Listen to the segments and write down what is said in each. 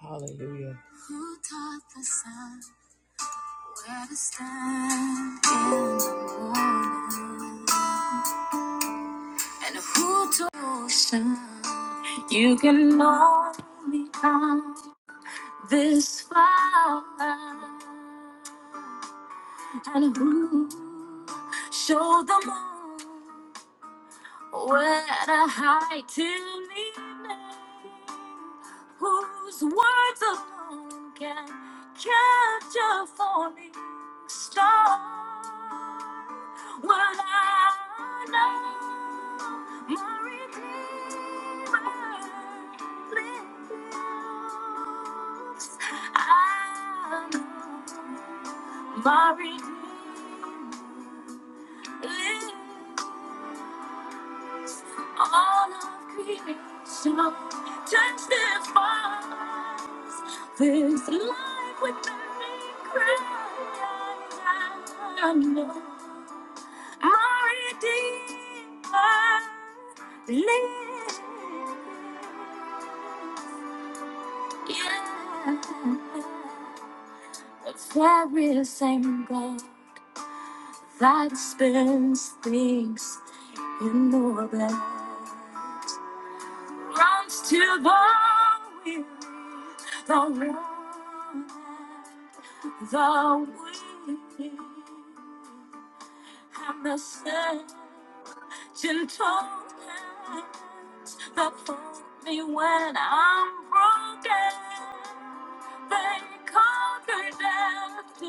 Hallelujah. Who taught the sun where to stand in the morning? And who told ocean you can only come this far? And who showed the moon? When I high till evening, whose words alone can capture falling star. Will I know my Redeemer lives? I know my Redeemer lives. All of creation turns their fires. This life within me cries. I know my Redeemer lives. Yeah. The very same God that spins things in the world. runs to the weary, the one, and the weak, and the sick. Gentle hands that hold me when I'm broken. They conquer death to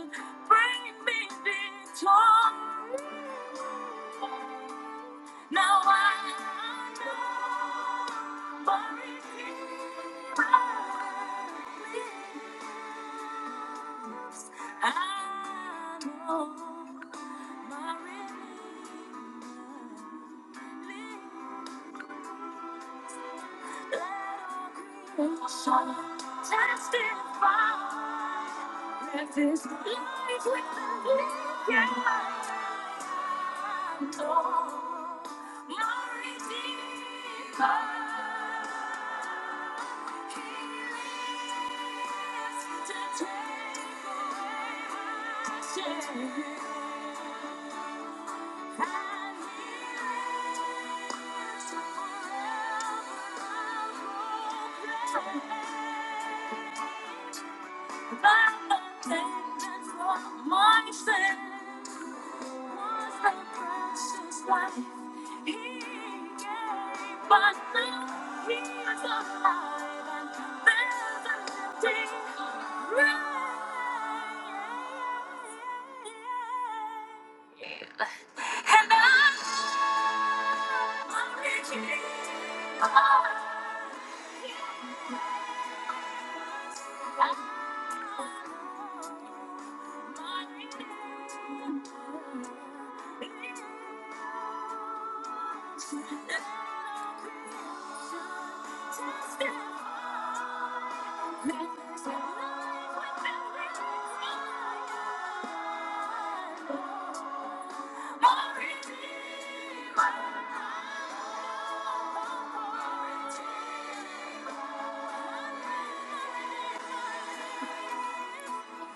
bring me victory. Now I know. But I I know my redeemer. lives. Let all creation testify that this life within me can I know my redeemer. Yeah the my sin. Was the precious life he gave, but now he is alive and And there's a living grave. And I'm Thank you.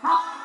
Tell everybody.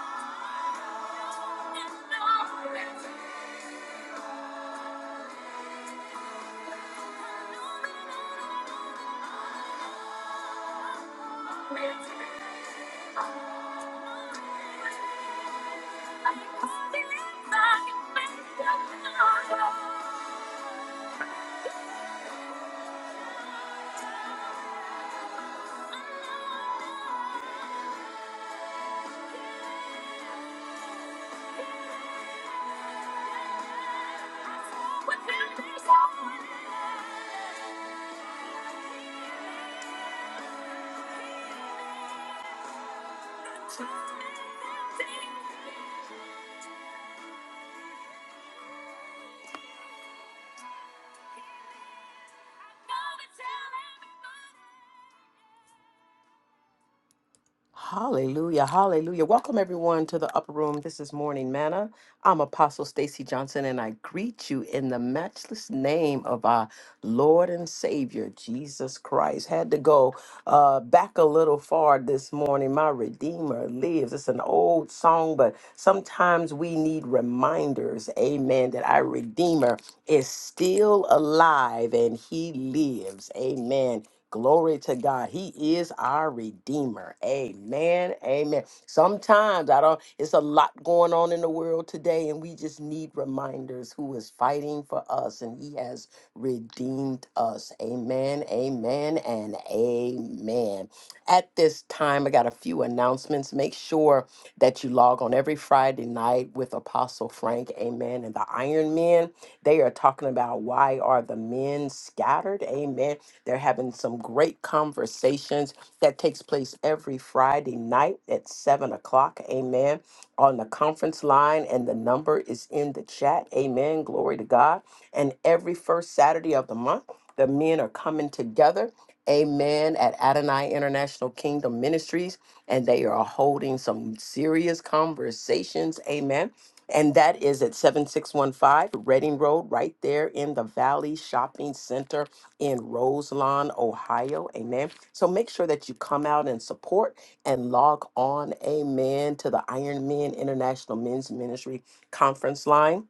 Hallelujah, hallelujah. Welcome everyone to the upper room. This is Morning Manna. I'm Apostle Stacy Johnson and I greet you in the matchless name of our Lord and Savior Jesus Christ. Had to go uh back a little far this morning. My Redeemer lives. It's an old song, but sometimes we need reminders, amen, that our Redeemer is still alive and he lives. Amen. Glory to God. He is our Redeemer. Amen. Amen. Sometimes I don't, it's a lot going on in the world today, and we just need reminders who is fighting for us, and He has redeemed us. Amen. Amen. And amen. At this time, I got a few announcements. Make sure that you log on every Friday night with with Apostle Frank. Amen. And the Iron Men, they are talking about why are the men scattered? Amen. They're having some great conversations that takes place every Friday night at seven o'clock. Amen. On the conference line, and the number is in the chat. Amen. Glory to God. And every first Saturday of the month, the men are coming together Amen. At Adonai International Kingdom Ministries, and they are holding some serious conversations. Amen. And that is at 7615 Reading Road, right there in the Valley Shopping Center in Roselawn, Ohio. Amen. So make sure that you come out and support and log on, amen, to the Iron Men International Men's Ministry conference line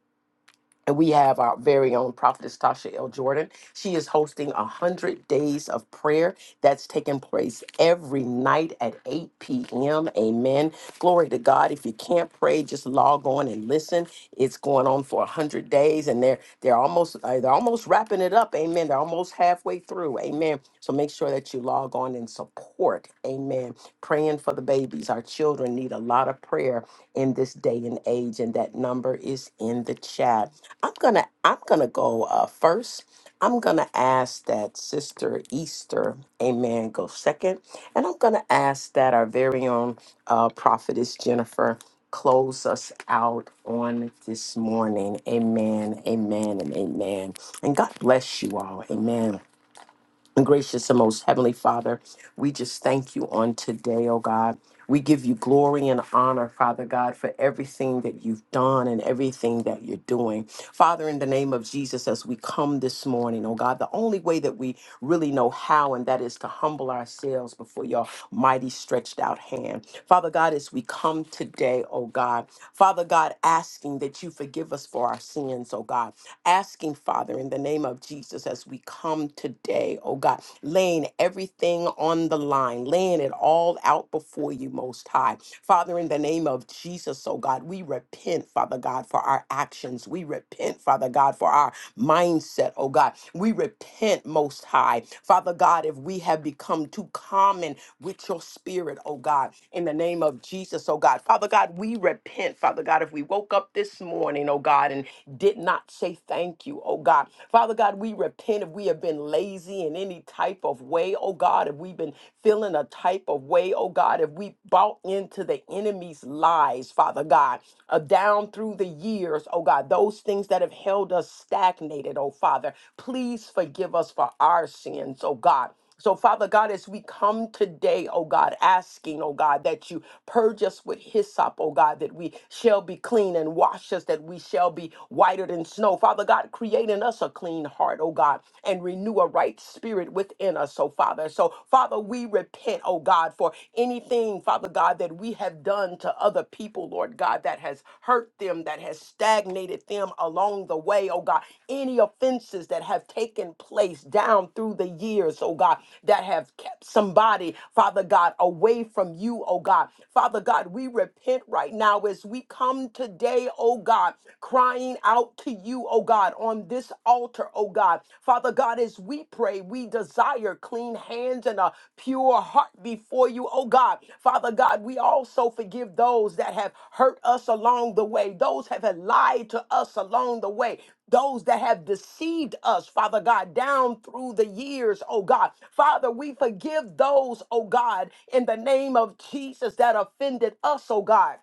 and we have our very own prophetess Tasha L. Jordan. She is hosting a 100 Days of Prayer that's taking place every night at 8 p.m. Amen. Glory to God. If you can't pray, just log on and listen. It's going on for 100 days and they're they're almost uh, they're almost wrapping it up. Amen. They're almost halfway through. Amen. So make sure that you log on and support. Amen. Praying for the babies. Our children need a lot of prayer in this day and age, and that number is in the chat. I'm gonna I'm gonna go uh, first. I'm gonna ask that Sister Easter, Amen, go second, and I'm gonna ask that our very own uh, prophetess Jennifer close us out on this morning. Amen, amen, and amen. And God bless you all. Amen. And gracious and most heavenly Father, we just thank you on today, oh God. We give you glory and honor, Father God, for everything that you've done and everything that you're doing. Father, in the name of Jesus, as we come this morning, oh God, the only way that we really know how, and that is to humble ourselves before your mighty stretched out hand. Father God, as we come today, oh God, Father God, asking that you forgive us for our sins, oh God, asking, Father, in the name of Jesus, as as we come today, oh God, laying everything on the line, laying it all out before you, Most High. Father, in the name of Jesus, oh God, we repent, Father God, for our actions. We repent, Father God, for our mindset, oh God. We repent, Most High. Father God, if we have become too common with your spirit, oh God, in the name of Jesus, oh God. Father God, we repent, Father God, if we woke up this morning, oh God, and did not say thank you, you, oh God. Father God, we repent if we have been lazy in any type of way, oh God, if we've been feeling a type of way, oh God, if we bought into the enemy's lies, Father God, uh, down through the years, oh God, those things that have held us stagnated, oh Father, please forgive us for our sins, oh God. So, Father God, as we come today, oh God, asking, oh God, that you purge us with hyssop, oh God, that we shall be clean and wash us, that we shall be whiter than snow. Father God, create in us a clean heart, oh God, and renew a right spirit within us, oh Father. So, Father, we repent, oh God, for anything, Father God, that we have done to other people, Lord God, that has has hurt them, that has stagnated them along the way, oh God. Any offenses that have taken place down through the years, oh God, that have kept somebody, Father God, away from you, oh God. Father God, we repent right now as we come today, oh God, crying out to you, oh God, on this altar, oh God. Father God, as we pray, today. we desire clean hands and a pure heart before you, oh God. Father God, we also forgive those that have hurt us along the way, those have had lied to us along the way, those that have deceived us, Father God, down through the years, oh God. Father, we forgive those, oh God, in the name of Jesus that offended us, oh God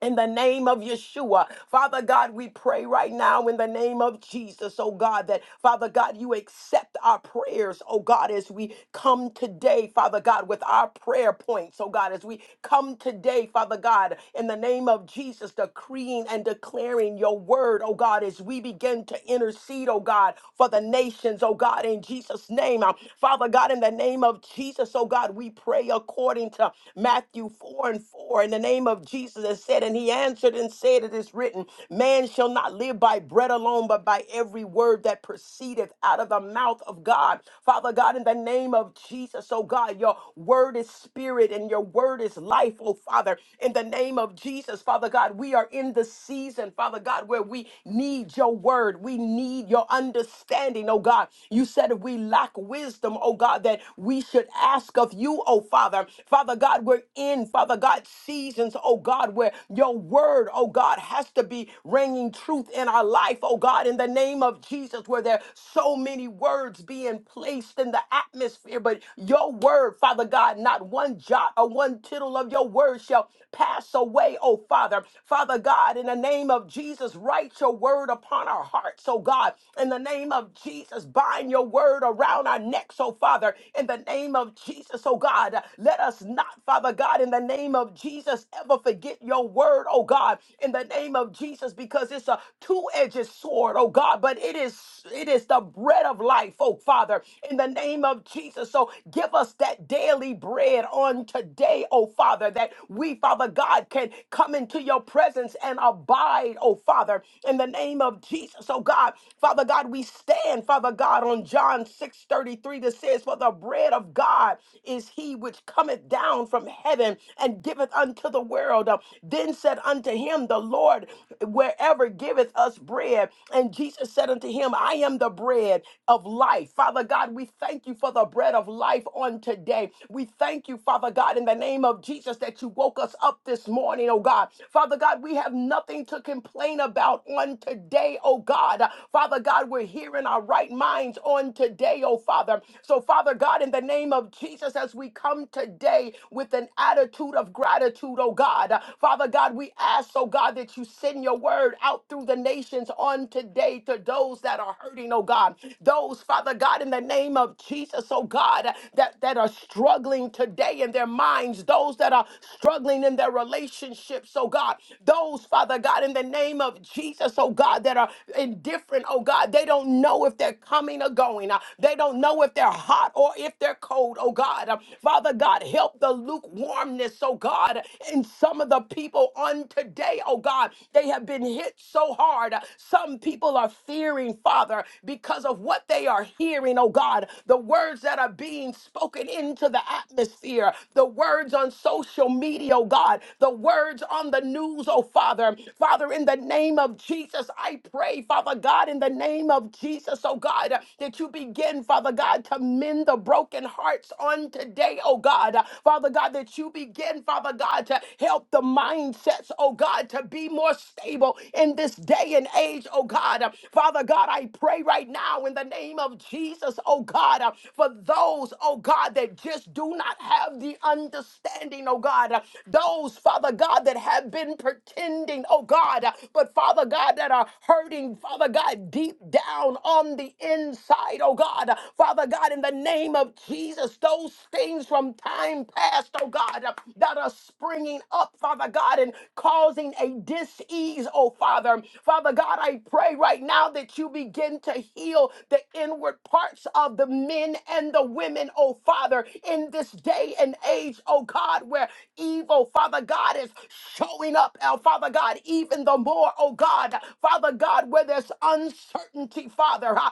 in the name of Yeshua. Father God, we pray right now in the name of Jesus, oh God, that Father God, you accept our prayers, oh God, as we come today, Father God, with our prayer points, oh God, as we come today, Father God, in the name of Jesus, decreeing and declaring your word, oh God, as we begin to intercede, oh God, for the nations, oh God, in Jesus' name. Uh, Father God, in the name of Jesus, oh God, we pray according to Matthew 4 and 4, in the name of Jesus. Jesus and said, and he answered and said, It is written, Man shall not live by bread alone, but by every word that proceedeth out of the mouth of God. Father God, in the name of Jesus, oh God, your word is spirit and your word is life, oh Father. In the name of Jesus, Father God, we are in the season, Father God, where we need your word. We need your understanding, oh God. You said if we lack wisdom, oh God, that we should ask of you, oh Father. Father God, we're in, Father God, seasons seasons, oh God, where your word, oh God, has to be ringing truth in our life, oh God, in the name of Jesus, where there are so many words being placed in the atmosphere, but your word, Father God, not one jot or one tittle of your word shall pass away, oh Father. Father God, in the name of Jesus, write your word upon our hearts, oh God, in the name of Jesus, bind your word around our necks, oh Father, in the name of Jesus, oh God, let us not, Father God, in the name of Jesus. Jesus, ever forget your word, oh God, in the name of Jesus, because it's a two-edged sword, oh God, but it is it is the bread of life, oh Father, in the name of Jesus. So give us that daily bread on today, oh Father, that we, Father God, can come into your presence and abide, oh Father, in the name of Jesus, oh God. Father God, we stand, Father God, on John 6 33 that says, For the bread of God is he which cometh down from heaven and and giveth unto the world. Uh, Then said unto him the Lord, Wherever giveth us bread. And Jesus said unto him, I am the bread of life. Father God, we thank you for the bread of life on today. We thank you, Father God, in the name of Jesus, that you woke us up this morning, oh God. Father God, we have nothing to complain about on today, oh God. Father God, we're here in our right minds on today, oh Father. So, Father God, in the name of Jesus, as we come today with an attitude, attitude of gratitude, oh God. Uh, Father God, we ask, oh God, that you send your word out through the nations on today to those that are hurting, oh God. Those, Father God, in the name of Jesus, oh God, uh, that, that are struggling today in their minds, those that are struggling in their relationships, oh God. Those, Father God, in the name of Jesus, oh God, that are indifferent, oh God. They don't know if they're coming or going. Uh, They don't know if they're hot or if they're cold, oh God. Uh, Father God, help the lukewarmness, oh God, in some of the people on today, oh God. They have been hit so hard. Some people are fearing, Father, because of what they are hearing, oh God, the words that are being spoken into the atmosphere, the words on social media, oh God, the words on the news, oh Father. Father, in the name of Jesus, I pray, Father God, in the name of Jesus, oh God, that you begin, Father God, to mend the broken hearts on today, oh God. Father God, that you begin, Father God, to help the mindsets, oh God, to be more stable in this day and age, oh God. Uh, Father God, I pray right now in the name of Jesus, oh God, uh, for those, oh God, that just do not have the understanding, oh God. Uh, Those, Father God, that have been pretending, oh God, uh, but Father God, that are hurting, Father God, deep down on the inside, oh God. Uh, Father God, in the name of Jesus, those things from from time past, oh God, uh, that are springing up, Father God, and causing a dis-ease, oh Father. Father God, I pray right now that you begin to heal the inward parts of the men and the women, oh Father, in this day and age, oh God, where evil, Father God, is showing up, oh Father God, even the more, oh God, Father God, where there's uncertainty, Father. uh,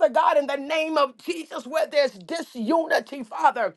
Father God, in the name of Jesus, where there's disunity, Father.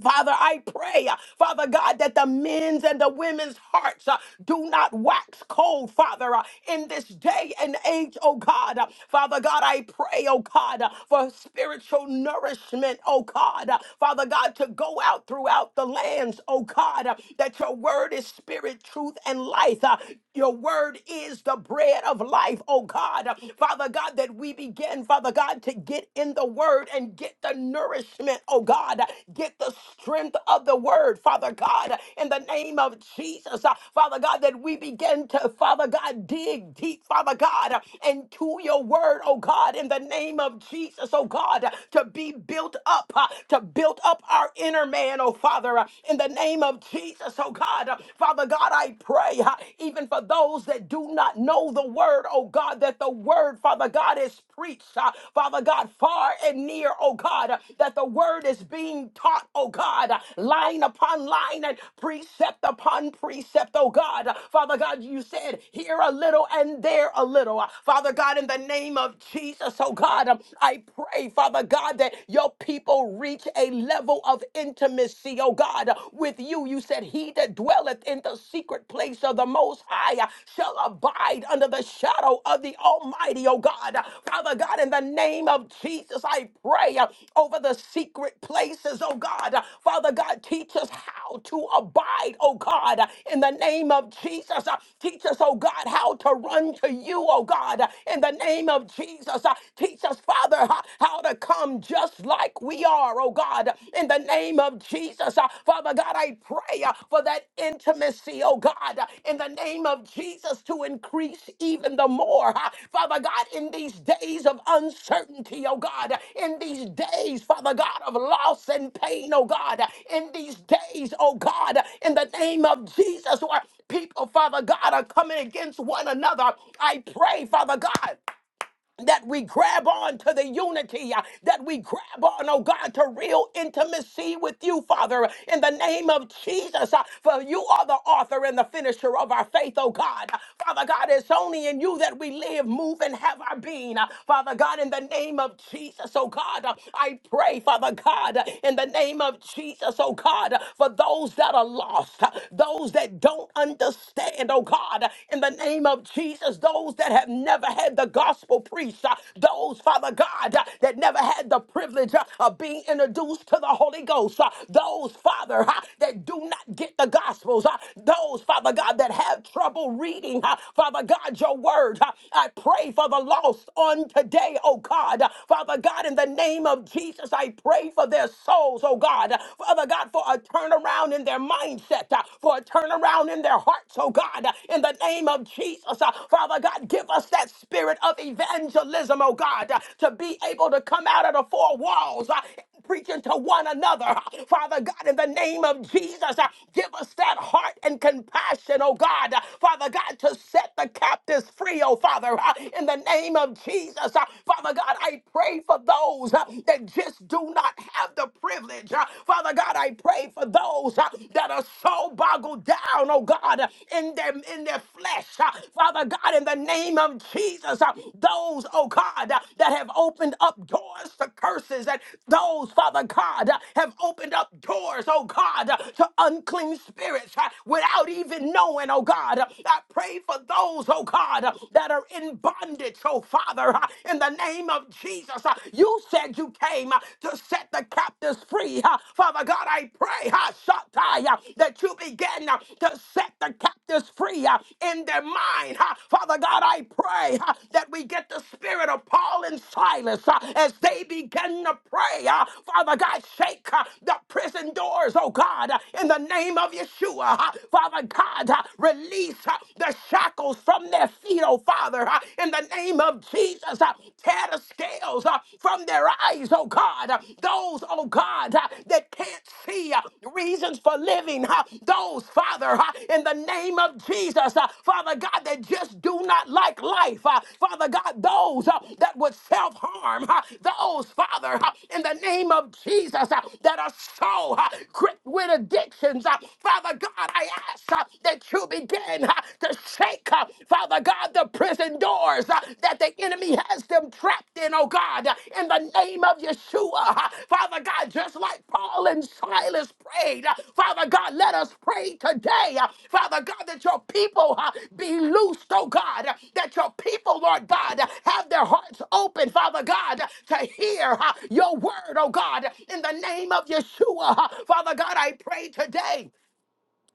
Father, I pray, uh, Father God, that the men's and the women's hearts uh, do not wax cold, Father, uh, in this day and age, oh God. Uh, Father God, I pray, oh God, uh, for spiritual nourishment, oh God. Uh, Father God, to go out throughout the lands, oh God, uh, that your word is spirit, truth, and life. Uh, your word is the bread of life, oh God. Uh, Father God, that we begin, Father God, God, to get in the word and get the nourishment, oh God, get the strength of the word, Father God, in the name of Jesus, uh, Father God, that we begin to, Father God, dig deep, Father God, uh, into your word, oh God, in the name of Jesus, oh God, uh, to be built up, uh, to build up our inner man, oh Father, uh, in the name of Jesus, oh God, Uh, Father God, I pray, uh, even for those that do not God, know the word, oh God, that the word, Father God, is preached, uh, Father God, far and near, oh God, uh, that the word is being taught, oh God, uh, line upon line and precept upon precept, oh God. Uh, Father God, you said here a little and there a little. Uh, Father God, in the name of Jesus, oh God, um, I pray, Father God, that your people reach a level of intimacy, oh God, uh, with you. You said said, He that dwelleth in the secret place of the Most High uh, shall abide under the shadow of the Almighty, oh God. Uh, Father God, in the name of Jesus, I pray uh, over the secret places, oh God. Uh, Father God, teach us how to abide, oh God, uh, in the name of Jesus. Uh, Teach us, oh God, how to run to you, oh God, uh, in the name of Jesus. Uh, Teach us, Father, ho- how to come just like sick we are, oh God, in the name of Jesus. Uh, Father God, I pray uh, for that intimacy, oh God, uh, in the name of Jesus to increase even the more. Uh, Father God, in these days of uncertainty, oh God, uh, in these days, Father God, of loss and pain, oh God, uh, in these days, oh God, uh, in the name of Jesus, where people, Father God, are coming against one another, I pray, Father God that we grab on to the unity, uh, that we grab on, oh God, to real intimacy with you, Father, in the name of Jesus. uh, For you are the author and the finisher of our faith, oh God. Uh, Father God, it's only in you that we live, move, and have our being. Uh, Father God, in the name of Jesus, oh God, uh, I pray, Father God, uh, in the name of Jesus, oh God, uh, for those that are lost, uh, those that don't understand, oh God, uh, in the name name of Jesus, those that have never had the gospel preached, uh, those, Father God, uh, that never had the privilege uh, of being introduced to the Holy Ghost, uh, those, Father, uh, that do not get the gospels, uh, those, Father God, that have trouble reading, uh, Father God, your word. uh, I pray for the lost on today, oh God. Uh, Father God, in the name of Jesus, I pray for their souls, oh God. Uh, Father God, for a turnaround in their mindset, uh, for for a turnaround in their hearts, oh God, in the name of Jesus. Uh, Father God, give us that spirit of evangelism, oh God, uh, to be able to come out of the four walls uh, preaching to one another. Uh, Father God, in the name of Jesus, uh, give us that heart and compassion, oh God. Uh, Father God, to set the captives free, oh Father, uh, in the name of Jesus. Uh, Father God, I pray for those uh, that just do not have the privilege. uh, Father God, I pray for those uh, that are so boggled down, oh God, uh, in their in their flesh. uh, Father God, in the name of Jesus, uh, those, oh God, uh, that have opened up doors to curses, and those, Father God, uh, have opened up doors, oh God, uh, to unclean spirits uh, without even knowing, oh God. Uh, I pray for those, oh God, uh, that are in bondage, oh Father, uh, in the name of Jesus. Uh, You you said you came uh, to set the captives free. uh, Father God, I pray uh, Shaddai, uh, that you begin uh, to set the captives free uh, in their mind. uh, Father God, I pray uh, that we get the spirit of Paul and Silas uh, as they begin to pray. uh, Father God, shake uh, the prison doors, oh God, uh, in the name of Yeshua. uh, Father God, uh, release uh, the shackles from their feet, oh Father, uh, in the name name of Jesus, uh, tear the scales uh, from their eyes, oh God. Uh, Those, oh God, uh, that can't see uh, reasons for living, uh, those, Father, uh, in the name of Jesus, uh, Father God, that just do not like life, uh, Father God, those uh, that would self harm, uh, those, Father, uh, in the name of Jesus, uh, that are so uh, gripped with addictions, uh, Father God, I ask uh, that you begin uh, to shake, uh, Father God, the prison doors uh, that the enemy has them trapped in, oh God, uh, in the name of Yeshua. uh, Father God, just like Paul and Silas prayed, uh, Father God, let us pray today, uh, Father God, that your people uh, be loosed, oh God, uh, that your people, Lord God, uh, have their hearts open, Father God, uh, to hear uh, your word, oh God, in the name of Yeshua. uh, Father God, I pray today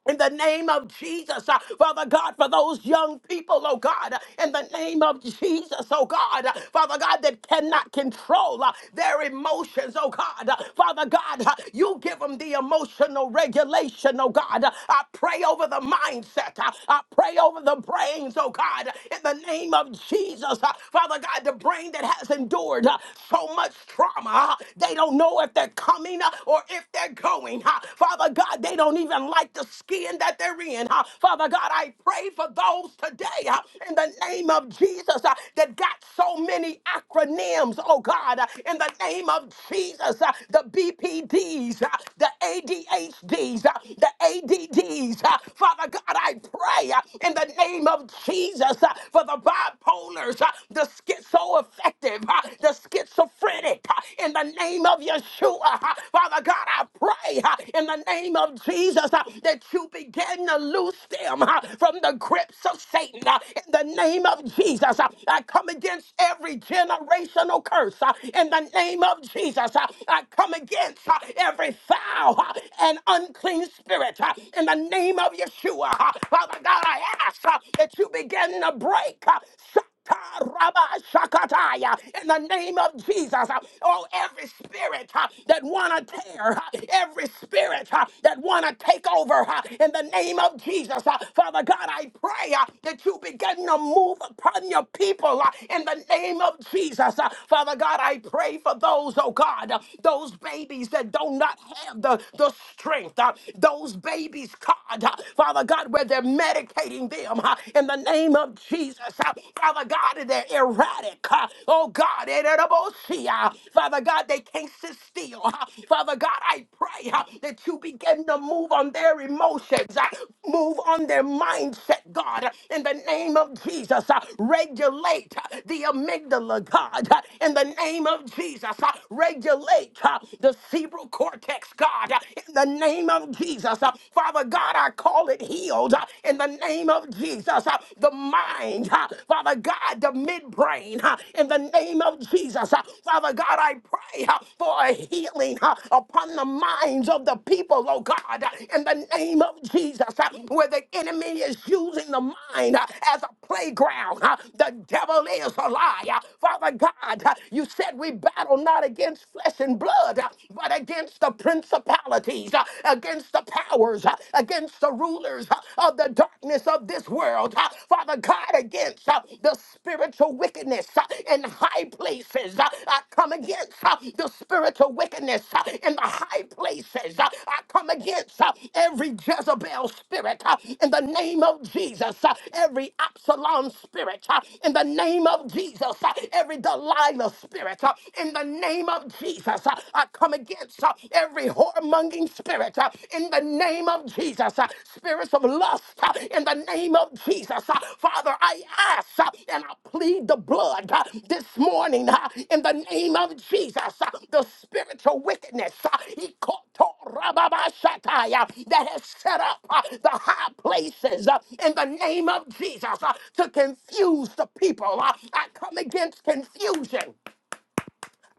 in the name of Jesus, uh, Father God, for those young people, oh God, uh, in the name of Jesus, oh God, uh, Father God, that cannot control uh, their emotions, oh God, uh, Father God, uh, you give them the emotional regulation, oh God. Uh, I pray over the mindset, uh, I pray over the brains, oh God, uh, in the name of Jesus, uh, Father God, the brain that has endured uh, so much trauma, uh, they don't know if they're coming uh, or if they're they're going. huh? Father God, they don't even like the skin that they're in. huh? Father God, I pray for those today huh, in the name of Jesus uh, that got so many acronyms, oh God, uh, in the name of Jesus, uh, the BPDs, uh, the ADHDs, uh, the ADDs. uh, Father God, I pray uh, in the name of Jesus uh, for the bipolars, uh, the schizoaffective, uh, the schizophrenic, uh, in in the name of Yeshua. Father God, I pray uh, in the name of Jesus uh, that you begin to loose them uh, from the grips of Satan. uh, In the name of Jesus, uh, I come against every generational curse. uh, In the name of Jesus, uh, I come against uh, every foul uh, and unclean spirit. uh, In the name of Yeshua, uh, Father God, I ask uh, that you begin to break. uh, Taraba Shakataya, in the name of Jesus. uh, Oh, every spirit uh, that wanna tear, uh, every spirit uh, that wanna take over, uh, in the name of Jesus, uh, Father God, I pray uh, that you begin to move upon your people uh, in the name of Jesus, uh, Father God. I pray for those, oh God, uh, those babies that do not have the the strength, uh, those babies, God, uh, Father God, where they're medicating them, uh, in the name of Jesus. Uh, Father God, and they're erratic. uh, Oh God, eh, they're about to see, uh, Father God, they can't sit still. uh, Father God, I pray uh, that you begin to move on their emotions, uh, move on their mindset, God, uh, in the name of Jesus. uh, Regulate uh, the amygdala, God, uh, in the name of Jesus. uh, Regulate uh, the cerebral cortex, God, uh, in the name of Jesus. Uh, Father God, I I call it healed uh, in the name of Jesus. uh, The mind, uh, Father God, the midbrain, uh, in the name of Jesus. uh, Father God, I pray uh, for a healing uh, upon the minds of the people, oh God, uh, in the name of Jesus, uh, where the enemy is using the mind uh, as a playground. uh, The devil is a liar. Father God, uh, you said we battle not against flesh and blood, uh, but against the principalities, uh, against the powers, uh, against the rulers uh, of the darkness of this world. uh, Father God, against uh, the spiritual wickedness uh, in high places. uh, I come against uh, the spiritual wickedness uh, in the high places places. Uh, I come against uh, every Jezebel spirit uh, in the name of Jesus, uh, every Absalom spirit uh, in the name of Jesus, uh, every Delilah spirit uh, in the name of Jesus. uh, I come against uh, every whoremonging spirit uh, in the name of Jesus, uh, spirits of lust uh, in the name name of Jesus. Uh, Father, I ask uh, and I plead the blood uh, this morning uh, in the name of Jesus. Uh, The spiritual wickedness uh, he caught Rababashataya, that has set up uh, the high places uh, in the name of Jesus uh, to confuse the people. Uh, I come against confusion.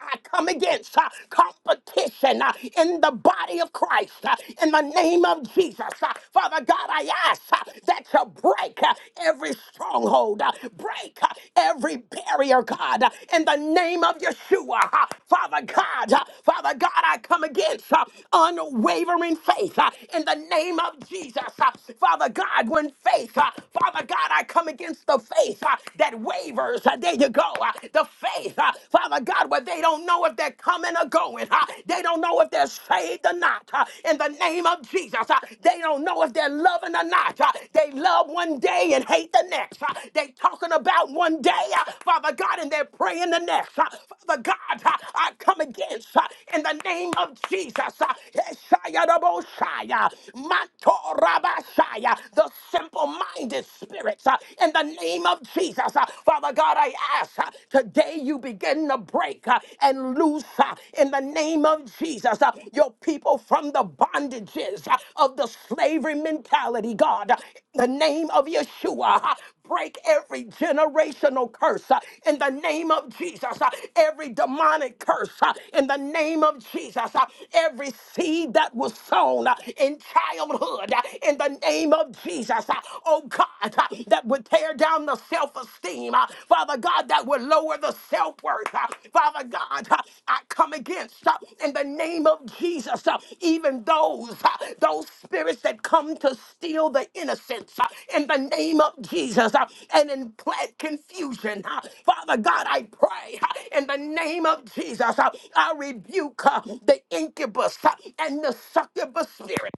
I come against uh, competition uh, in the body of Christ uh, in the name of Jesus. Uh, Father God, I ask uh, that you break uh, every stronghold, uh, break uh, every barrier, God, uh, in the name of Yeshua. Uh, Father God, uh, Father God, I come against uh, unwavering faith uh, in the name of Jesus. Uh, Father God, when faith, uh, Father God, I come against the faith uh, that wavers. Uh, There you go go. uh, The faith, uh, Father God, where they don't know if they're coming or going. uh, They don't know if they're saved or not. uh, In the name of Jesus, uh, they don't know if they're loving or not. uh, They love one day and hate the next. uh, They talking about one day, uh, Father God, and they're praying the next. uh, Father God, uh, I come against uh, in the name of Jesus. uh, Eshayadaboshaya, Mantorabashaya, The simple-minded spirits uh, in the the name of Jesus. Uh, Father God, I ask uh, today you begin to break uh, and loose uh, in the name of Jesus uh, your people from the bondages uh, of the slavery mentality, God. Uh, In the name of Yeshua, uh, break every generational curse uh, in the name of Jesus, uh, every demonic curse uh, in the name of Jesus, uh, every seed that was sown uh, in childhood uh, in the name of Jesus. Jesus, uh, oh God, uh, that would tear down the self esteem, uh, Father God, that would lower the self worth, uh, Father God, uh, I come against uh, in the name of Jesus, uh, even those, uh, those spirits that come to steal the innocence uh, in the name of Jesus uh, and implant confusion. uh, Father God, I pray uh, in the name of Jesus, uh, I rebuke uh, the incubus uh, and the succubus spirit.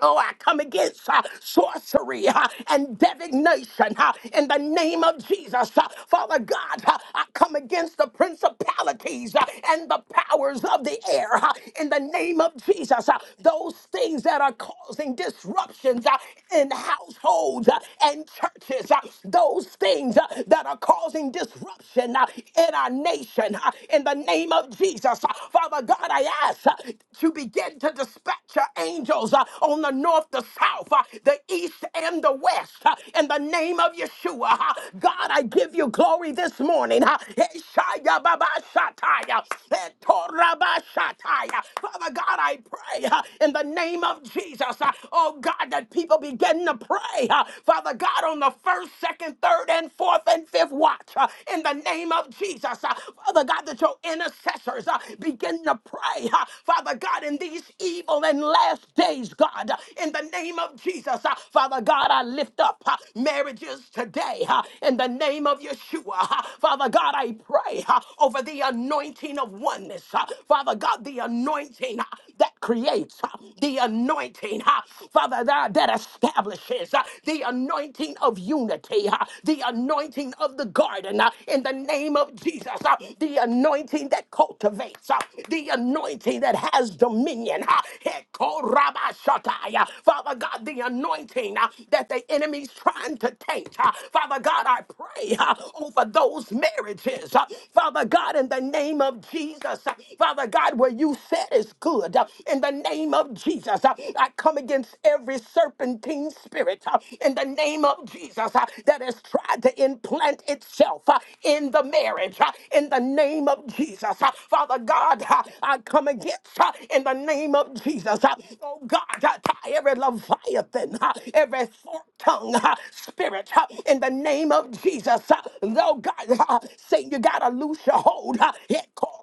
Oh, I come against uh, sorcery uh, and divination uh, in the name of Jesus. Uh, Father God, uh, I come against the principalities uh, and the powers of the air uh, in the name of Jesus. Uh, those things that are causing disruptions uh, in households uh, and churches, uh, those things uh, that are causing disruption uh, in our nation, uh, in the name of Jesus. Uh, Father God, I ask uh, to begin begin to dispatch your angels uh, on the north, the south, uh, the east, and the west. uh, in the name of Yeshua, uh, God, I give you glory this morning. Uh, Eshaya baba shataya, etora ba shataya. Father God, I pray uh, in the name of Jesus, uh, oh God, that people begin to pray. uh, Father God, on the first, second, third, and fourth, and fifth watch, uh, in the name of Jesus, uh, Father God, that your intercessors, uh, begin to pray, uh, Father God, in these evil and last days, God, uh, in the name of Jesus, uh, Father God, I lift up uh, marriages today uh, in the name of Yeshua. uh, Father God, I pray uh, over the anointing of oneness, uh, Father God, the anointing uh, that that creates uh, the anointing, uh, Father, that, that establishes uh, the anointing of unity, uh, the anointing of the garden uh, in the name of Jesus, uh, the anointing that cultivates, uh, the anointing that has dominion. uh, Hekorabashatai, uh, Father God, the anointing uh, that the enemy's trying to taint. uh, Father God, I pray uh, over those marriages. uh, Father God, in the name of Jesus, uh, Father God, where you said is good. God. Uh, In the name of Jesus, uh, I come against every serpentine spirit uh, in the name of Jesus uh, that has tried to implant itself uh, in the marriage. uh, In the name of Jesus, Uh, Father God, uh, I come against uh, in the name of Jesus. uh, Oh God, I tie every leviathan, uh, every forked tongue uh, spirit uh, in the name of Jesus. uh, Oh God, uh, Satan, you gotta loose your hold. uh,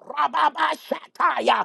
Rababashataya,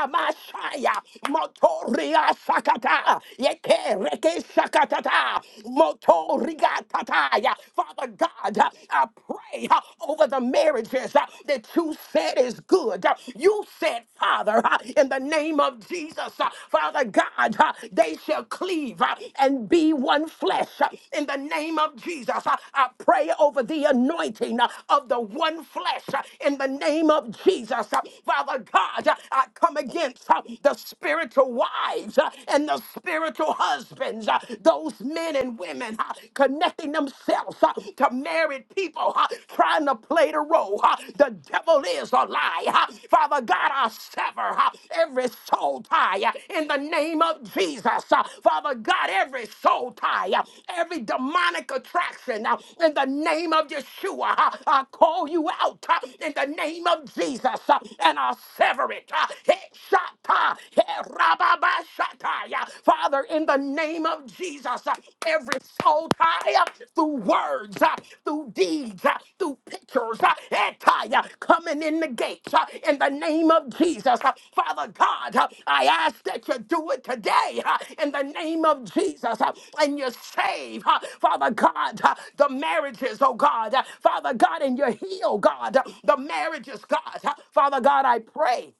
Ramashaya, Motoria Sakata, Yeke Reke Sakatata, Motoriga Tataya. Father God, I pray uh, over the marriages uh, that you said is good. Uh, You said, Father, uh, in the name of Jesus, uh, Father God, uh, they shall cleave uh, and be one flesh. Uh, In the name of Jesus, uh, I pray over the anointing uh, of the one flesh. Uh, In the name of Jesus, uh, Father God, uh, I come against uh, the spiritual wives uh, and the spiritual husbands, uh, those men and women uh, connecting themselves uh, to married people, uh, trying to play the role. uh, The devil is a lie. uh, Father God, I sever uh, every soul tie uh, in the name of Jesus. uh, Father God, every soul tie, uh, every demonic attraction uh, in the name of Yeshua. uh, I call you out uh, in the name of Jesus uh, and I sever it. Shata, Herababashataya. Father, in the name of Jesus, uh, every soul tie uh, through words, uh, through deeds, uh, through pictures, uh, etaya, coming in the gates, uh, in the name of Jesus. Uh, Father God, uh, I ask that you do it today, uh, in the name of Jesus, uh, and you save, uh, Father God, uh, the marriages, oh God, uh, Father God, and you heal, God, uh, the marriages, God. Uh, Father God, I pray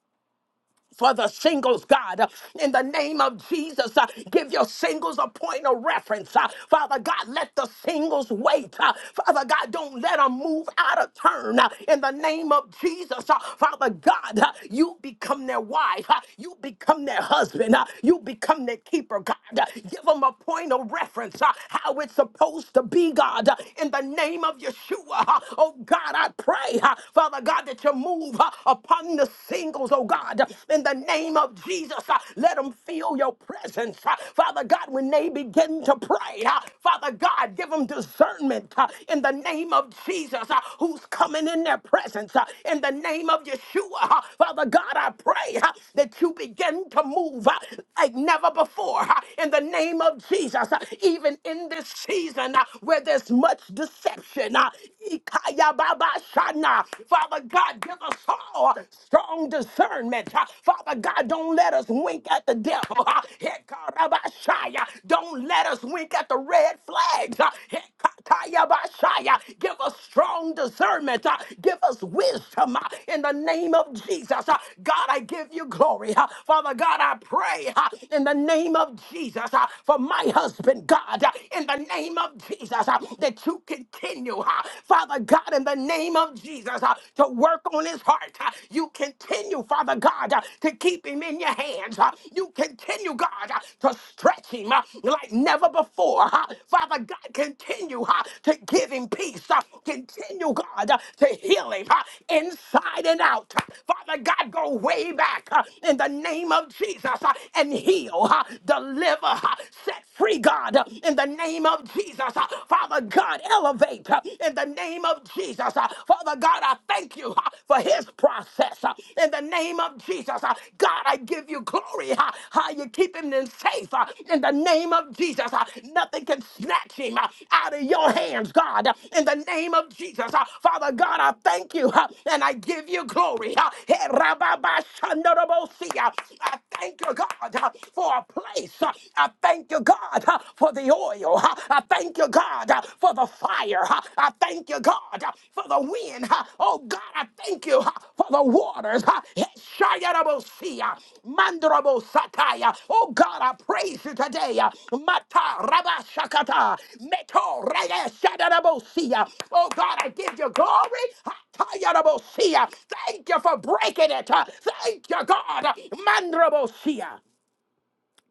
for the singles, God. uh, In the name of Jesus, uh, give your singles a point of reference. uh, Father God, let the singles wait. uh, Father God, don't let them move out of turn. uh, In the name of Jesus, uh, Father God, uh, you become their wife. uh, You become their husband. uh, You become their keeper, God. Uh, Give them a point of reference, uh, how it's supposed to be, God. Uh, In the name of Yeshua, uh, oh God, I pray, uh, Father God, that you move. uh, upon the singles, oh God, in the name of Jesus. Uh, Let them feel your presence. Uh, Father God, when they begin to pray, uh, Father God, give them discernment uh, in the name of Jesus uh, who's coming in their presence. uh, In the name of Yeshua, Uh, Father God, I pray uh, that you begin to move uh, like never before uh, in the name of Jesus, uh, even in this season uh, where there's much deception. uh, Father God, give us all strong discernment. Ah, Father God, don't let us wink at the devil. Ah, Hekarabashaya. Don't let us wink at the red flags. Ah, Hekatayabashaya. Give us strong discernment. Ah, Give us wisdom ah, in the name of Jesus. Ah, God, I give you glory. Ah, Father God, I pray ah, in the name of Jesus ah, for my husband, God, ah, in the name of Jesus, ah, that you continue continue, uh, Father God, in the name of Jesus, uh, to work on his heart. uh, You continue, Father God, uh, to keep him in your hands. uh, You continue, God, uh, to stretch him uh, like never before. uh, Father God, continue uh, to give him peace. uh, Continue, God, uh, to heal him uh, inside and out. uh, Father God, go way back uh, in the name of Jesus uh, and heal, uh, deliver, uh, set free, God, uh, in the name of of Jesus, uh, Father God, elevate uh, in the name of Jesus. uh, Father God, I thank you uh, for his process uh, in the name of Jesus. uh, God, I give you glory uh, how you keep him in safe uh, in the name of Jesus. uh, Nothing can snatch him uh, out of your hands, God, uh, in the name of Jesus. uh, Father God, I thank you uh, and I give you glory. uh, Hey, Rababashandarabosia, I thank you, God, uh, for a place. uh, I thank thank you, God, uh, for the oil. uh, I thank you, God, uh, for the fire. uh, I thank you, God, uh, for the wind. uh, Oh, God, I thank you uh, for the waters. uh, Shayarabosia, Mandrabosataya. Oh, God, I praise you today. uh, Mata Rabashakata, Meto Rege Shadarabosia. Oh, God, I give you glory. Hatayarabosia. Thank you for breaking it. uh, Thank you, God. Mandrabosia.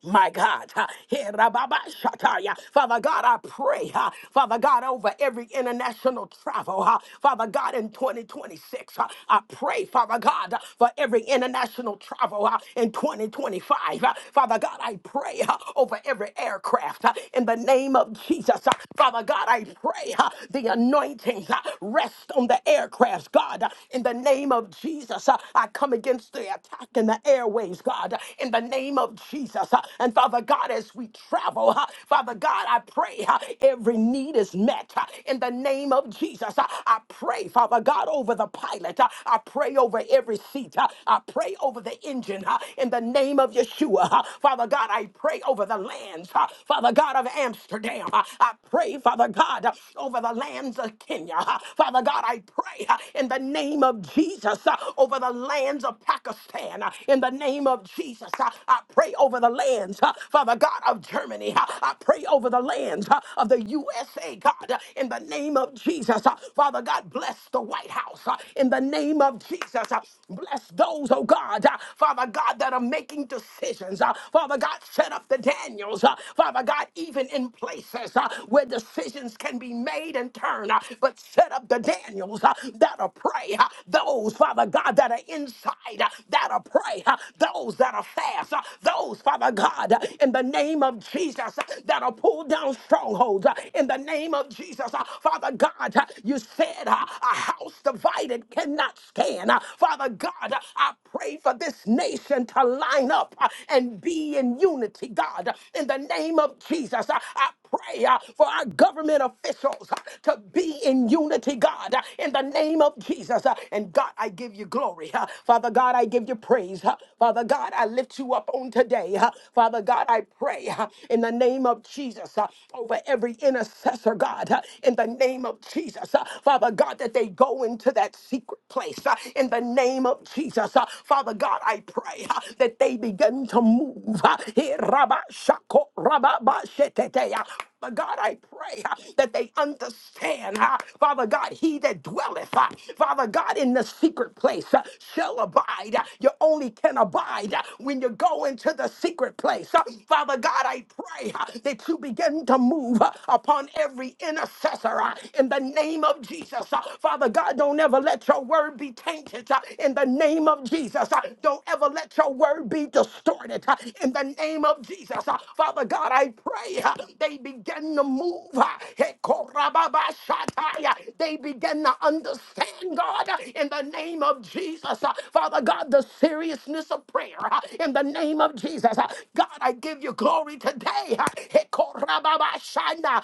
My God, ha, he rababa shataya. Father God, I pray, ha, Father God, over every international travel, ha, Father God, in 2026, ha, I pray, Father God, for every international travel ha, in 2025. ha. Father God, I pray ha, over every aircraft ha, in the name of Jesus. ha. Father God, I pray ha, the anointings ha, rest on the aircrafts, God, ha, in the name of Jesus. ha. I come against the attack in the airways, God, ha, in the name of Jesus us. uh, And Father God, as we travel, uh, Father God, I pray uh, every need is met uh, in the name of Jesus. Uh, I pray, Father God, over the pilot. uh, I pray over every seat. uh, I pray over the engine uh, in the name of Yeshua. uh, Father God, I pray over the lands, uh, Father God of Amsterdam. uh, I pray, Father God, uh, over the lands of Kenya. uh, Father God, I pray uh, in the name of Jesus uh, over the lands of Pakistan. uh, In the name of Jesus, uh, I pray over over the lands, uh, Father God, of Germany. Uh, I pray over the lands uh, of the USA, God, uh, in the name of Jesus. Uh, Father God, bless the White House uh, in the name of Jesus. Uh, Bless those, oh God, uh, Father God, that are making decisions. Uh, Father God, set up the Daniels. Uh, Father God, even in places uh, where decisions can be made and turned, uh, but set up the Daniels uh, that are pray. uh, Those, Father God, that are inside, uh, that are pray. uh, Those that are fast, uh, those those, Father God, uh, in the name of Jesus, uh, that'll pull down strongholds. uh, In the name of Jesus, Uh, Father God, uh, you said uh, a house divided cannot stand. Uh, Father God, uh, I pray for this nation to line up uh, and be in unity, God. Uh, In the name of Jesus, uh, I pray uh, for our government officials uh, to be in unity, God, uh, in the name of Jesus. uh, And God, I give you glory. uh, Father God, I give you praise. uh, Father God, I lift you up on on today. Uh, Father God, I pray uh, in the name of Jesus uh, over every intercessor, God, uh, in the name of Jesus. Uh, Father God, that they go into that secret place uh, in the name of Jesus. Uh, Father God, I pray uh, that they begin to move. uh, here, rabba, shako, rabba, ba, shetete, uh, Father God, I pray uh, that they understand, uh, Father God, he that dwelleth, uh, Father God, in the secret place uh, shall abide. Uh, You only can abide uh, when you go into the secret place. Uh, Father God, I pray uh, that you begin to move uh, upon every intercessor uh, in the name of Jesus. Uh, Father God, don't ever let your word be tainted uh, in the name of Jesus. Jesus. Uh, Don't ever let your word be distorted uh, in the name of Jesus. Uh, Father God, I pray uh, they begin to move. uh, Hekorababashatai, uh, They begin to understand, God, uh, in the name of Jesus. Uh, Father God, the seriousness of prayer uh, in the name of Jesus. Uh, God, I give you glory today. uh, Hekorababashana,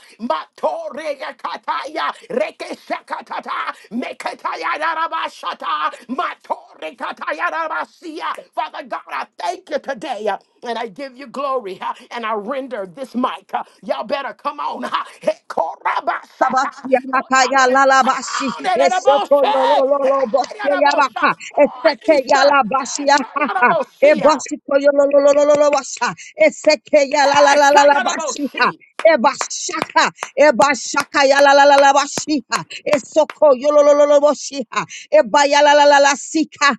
Kataya, Rekeshakatata, Mekataya rabashata, Matore Kataya rabasia. Father God, I thank you today uh, and I give you glory uh, and I render this mic. uh, Y'all better come on. uh, Hekorabasata. Oh, y'all is- Come Yalabashi, on, Esoko Naraboshe. Yololo Hey, Bosio Narabosha. Yabaha, Poor Eseke Easter. Yalabashi Hey, Yaha, Sayarabosia. Ebosiko Yololo Washa, Eseke Hey, Yalalabashiha, Sayarabosi. Ebashaka, Ebashaka Yalalabashiha, Esoko Yololo Boshiha, Ebayalalasika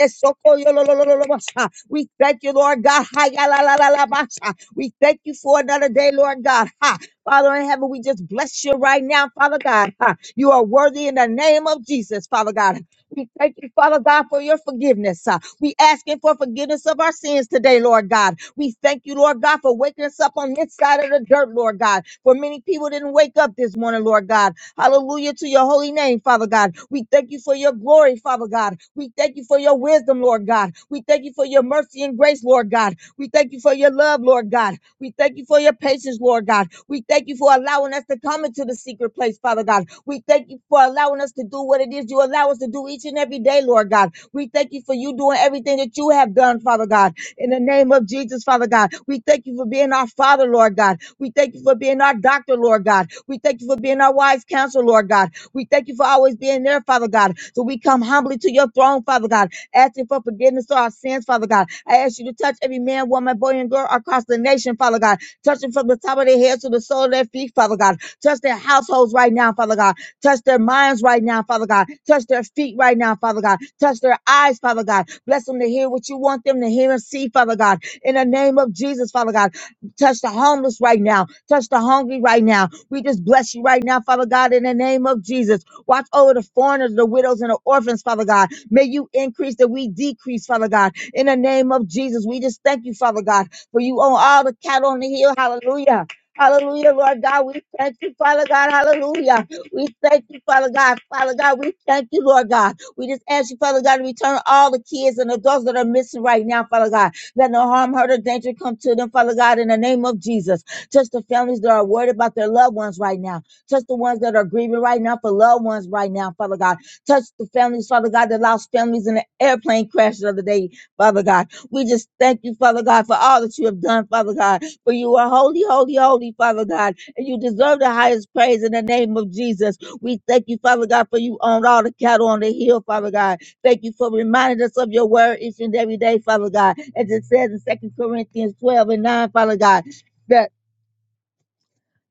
Esokoyololololobosha. We thank you, Lord God. Hayalalalabasha. We thank you for another day, Lord God. Ha. Father in heaven, we just bless you right now, Father God. Ha. You are worthy in the name of Jesus, Father God. We thank you, Father God, for your forgiveness. Uh, we asking for forgiveness of our sins today, Lord God. We thank you, Lord God, for waking us up on this side of the dirt, Lord God. For many people didn't wake up this morning, Lord God. Hallelujah to your holy name, Father God. We thank you for your for your glory, Father God. We thank you for your wisdom, Lord God. We thank you for your mercy and grace, Lord God. We thank you for your love, Lord God. We thank you for your patience, Lord God. We thank you for allowing us to come into the secret place, Father God. We thank you for allowing us to do what it is you allow us to do each and every day, Lord God. We thank you for you doing everything that you have done, Father God. In the name of Jesus, Father God, we thank you for being our Father, Lord God. We thank you for being our doctor, Lord God. We thank you for being our wise counsel, Lord God. We thank you for always being there, Father God. So we come humbly to your throne, Father God, asking for forgiveness for our sins, Father God. I ask you to touch every man, woman, boy, and girl across the nation, Father God. Touch them from the top of their heads to the sole of their feet, Father God. Touch their households right now, Father God. Touch their minds right now, Father God. Touch their feet right now, Father God. Touch their eyes, Father God. Bless them to hear what you want them to hear and see, Father God. In the name of Jesus, Father God. Touch the homeless right now. Touch the hungry right now. We just bless you right now, Father God, in the name of Jesus. Watch over the foreigners, the widows, and the orphans, Father God. May you increase that we decrease, Father God. In the name of Jesus, we just thank you, Father God, for you own all the cattle on the hill. Hallelujah. Hallelujah, Lord God. We thank you, Father God. Hallelujah. We thank you, Father God. Father God, we thank you, Lord God. We just ask you, Father God, to return all the kids and adults that are missing right now, Father God. Let no harm, hurt, or danger come to them, Father God, in the name of Jesus. Touch the families that are worried about their loved ones right now. Touch the ones that are grieving right now for loved ones right now, Father God. Touch the families, Father God, that lost families in the airplane crash the other day, Father God. We just thank you, Father God, for all that you have done, Father God. For you are holy, holy, holy, Father God, and you deserve the highest praise in the name of Jesus. We thank you, Father God, for you own all the cattle on the hill, Father God. Thank you for reminding us of your word each and every day, Father God. As it says in Second Corinthians 12 and 9, Father God. that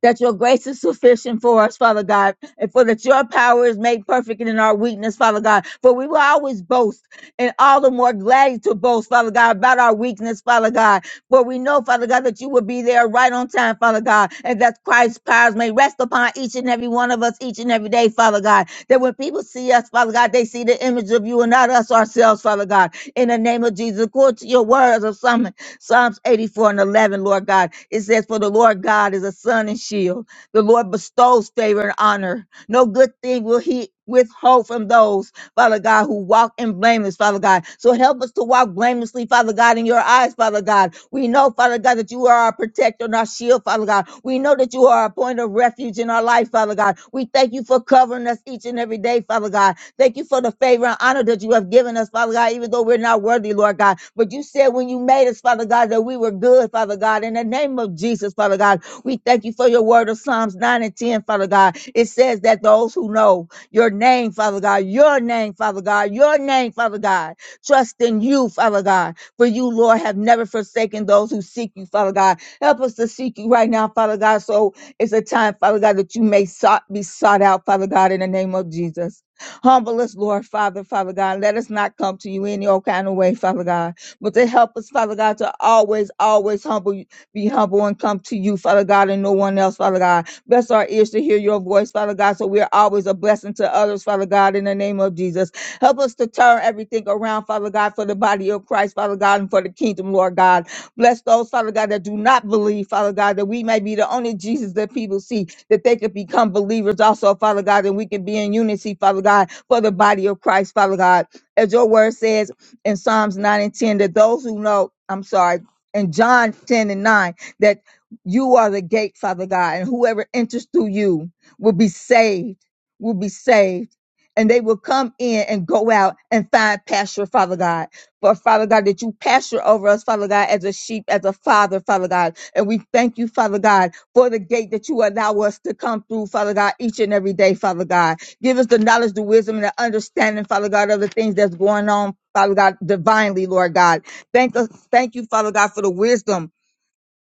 that your grace is sufficient for us, Father God, and for that your power is made perfect in our weakness, Father God. For we will always boast and all the more gladly to boast, Father God, about our weakness, Father God. For we know, Father God, that you will be there right on time, Father God, and that Christ's powers may rest upon each and every one of us each and every day, Father God. That when people see us, Father God, they see the image of you and not us ourselves, Father God. In the name of Jesus, according to your words of Psalm Psalms 84 and 11, Lord God, it says, For the Lord God is a sun and shield. The Lord bestows favor and honor. No good thing will he withhold from those, Father God, who walk in blameless, Father God. So help us to walk blamelessly, Father God, in your eyes, Father God. We know, Father God, that you are our protector and our shield, Father God. We know that you are our point of refuge in our life, Father God. We thank you for covering us each and every day, Father God. Thank you for the favor and honor that you have given us, Father God, even though we're not worthy, Lord God. But you said when you made us, Father God, that we were good, Father God. In the name of Jesus, Father God, we thank you for your word of Psalms 9 and 10, Father God. It says that those who know your name, Father God, your name, Father God, your name, Father God, trust in you, Father God. For you, Lord, have never forsaken those who seek you, Father God. Help us to seek you right now, Father God. So it's a time, Father God, that you may sought, be sought out, Father God, in the name of Jesus. Humble us, Lord Father, Father God. Let us not come to you any old kind of way, Father God. But to help us, Father God, to always, always humble, be humble and come to you, Father God, and no one else, Father God. Bless our ears to hear your voice, Father God, so we are always a blessing to others, Father God, in the name of Jesus. Help us to turn everything around, Father God, for the body of Christ, Father God, and for the kingdom, Lord God. Bless those, Father God, that do not believe, Father God, that we may be the only Jesus that people see, that they could become believers also, Father God, and we can be in unity, Father God, for the body of Christ, Father God. As your word says in Psalms 9 and 10, that those who know, I'm sorry, in John 10 and 9, that you are the gate, Father God, and whoever enters through you will be saved, will be saved. And they will come in and go out and find pasture, Father God. For Father God, that you pasture over us, Father God, as a sheep, as a father, Father God. And we thank you, Father God, for the gate that you allow us to come through, Father God, each and every day, Father God. Give us the knowledge, the wisdom, and the understanding, Father God, of the things that's going on, Father God, divinely, Lord God. Thank us, thank you, Father God, for the wisdom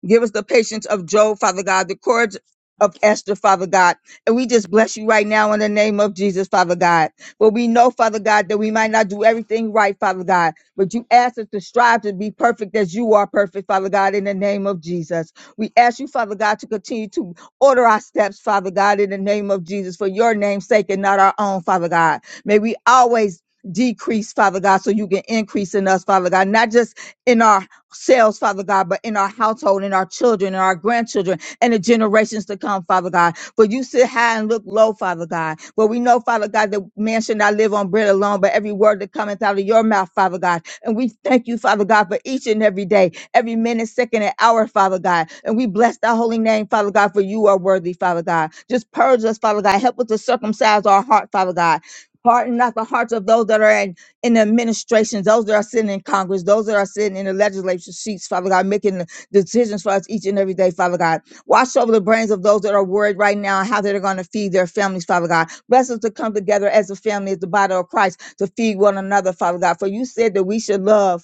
Give us the patience of Job, Father God, the courage of Esther, Father God. And we just bless you right now in the name of Jesus, Father God. But we know, Father God, that we might not do everything right, Father God. But you ask us to strive to be perfect as you are perfect, Father God, in the name of Jesus. We ask you, Father God, to continue to order our steps, Father God, in the name of Jesus, for your name's sake and not our own, Father God. May we always decrease, Father God, so you can increase in us, Father God, not just in our ourselves, Father God, but in our household, in our children, in our grandchildren, and the generations to come, Father God. For you sit high and look low, Father God. For we know, Father God, that man should not live on bread alone, but every word that cometh out of your mouth, Father God. And we thank you, Father God, for each and every day, every minute, second, and hour, Father God. And we bless thy holy name, Father God, for you are worthy, Father God. Just purge us, Father God. Help us to circumcise our heart, Father God. Harden not the hearts of those that are in in the administrations, those that are sitting in Congress, those that are sitting in the legislature seats, Father God, making the decisions for us each and every day, Father God. Watch over the brains of those that are worried right now and how they're going to feed their families, Father God. Bless us to come together as a family, as the body of Christ, to feed one another, Father God. For you said that we should love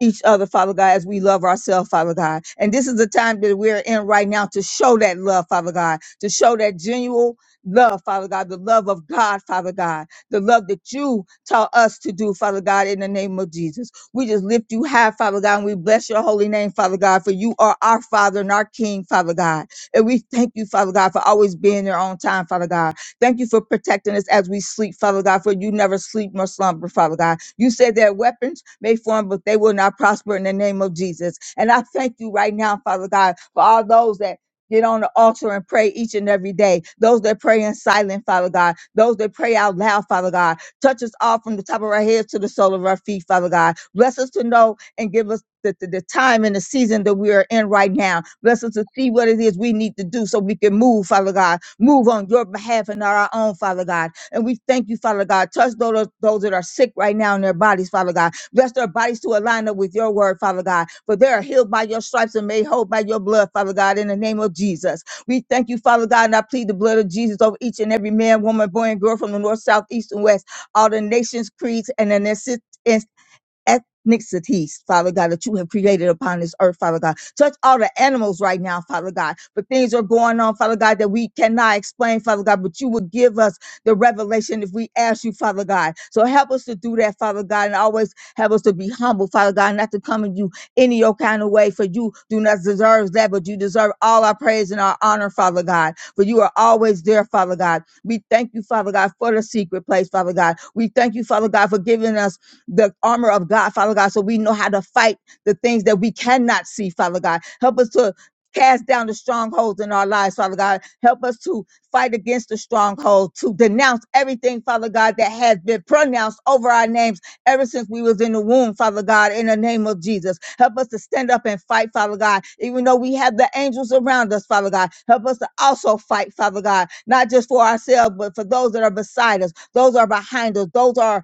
each other, Father God, as we love ourselves, Father God. And this is the time that we're in right now to show that love, Father God, to show that genuine love, Father God, the love of God, Father God, the love that you taught us to do, Father God, in the name of Jesus. We just lift you high, Father God, and we bless your holy name, Father God, for you are our Father and our King, Father God. And we thank you, Father God, for always being there on time, Father God. Thank you for protecting us as we sleep, Father God, for you never sleep nor slumber, Father God. You said that weapons may form, but they will not prosper in the name of Jesus. And I thank you right now, Father God, for all those that get on the altar and pray each and every day. Those that pray in silent, Father God. Those that pray out loud, Father God. Touch us all from the top of our heads to the sole of our feet, Father God. Bless us to know and give us the, the, the time and the season that we are in right now. Bless us to see what it is we need to do so we can move, Father God. Move on your behalf and not our own, Father God. And we thank you, Father God. Touch those, those that are sick right now in their bodies, Father God. Bless their bodies to align up with your word, Father God. For they are healed by your stripes and made whole by your blood, Father God, in the name of Jesus. We thank you, Father God, and I plead the blood of Jesus over each and every man, woman, boy, and girl from the north, south, east, and west, all the nations, creeds, and the necessities ethnicities, Father God, that you have created upon this earth, Father God. Touch all the animals right now, Father God. But things are going on, Father God, that we cannot explain, Father God, but you would give us the revelation if we ask you, Father God. So help us to do that, Father God, and always help us to be humble, Father God, not to come at you any old kind of way, for you do not deserve that, but you deserve all our praise and our honor, Father God. For you are always there, Father God. We thank you, Father God, for the secret place, Father God. We thank you, Father God, for giving us the armor of God, Father God, so we know how to fight the things that we cannot see, Father God. Help us to cast down the strongholds in our lives, Father God. Help us to fight against the stronghold, to denounce everything, Father God, that has been pronounced over our names ever since we was in the womb, Father God, in the name of Jesus. Help us to stand up and fight, Father God, even though we have the angels around us, Father God. Help us to also fight, Father God, not just for ourselves, but for those that are beside us, those are behind us, those are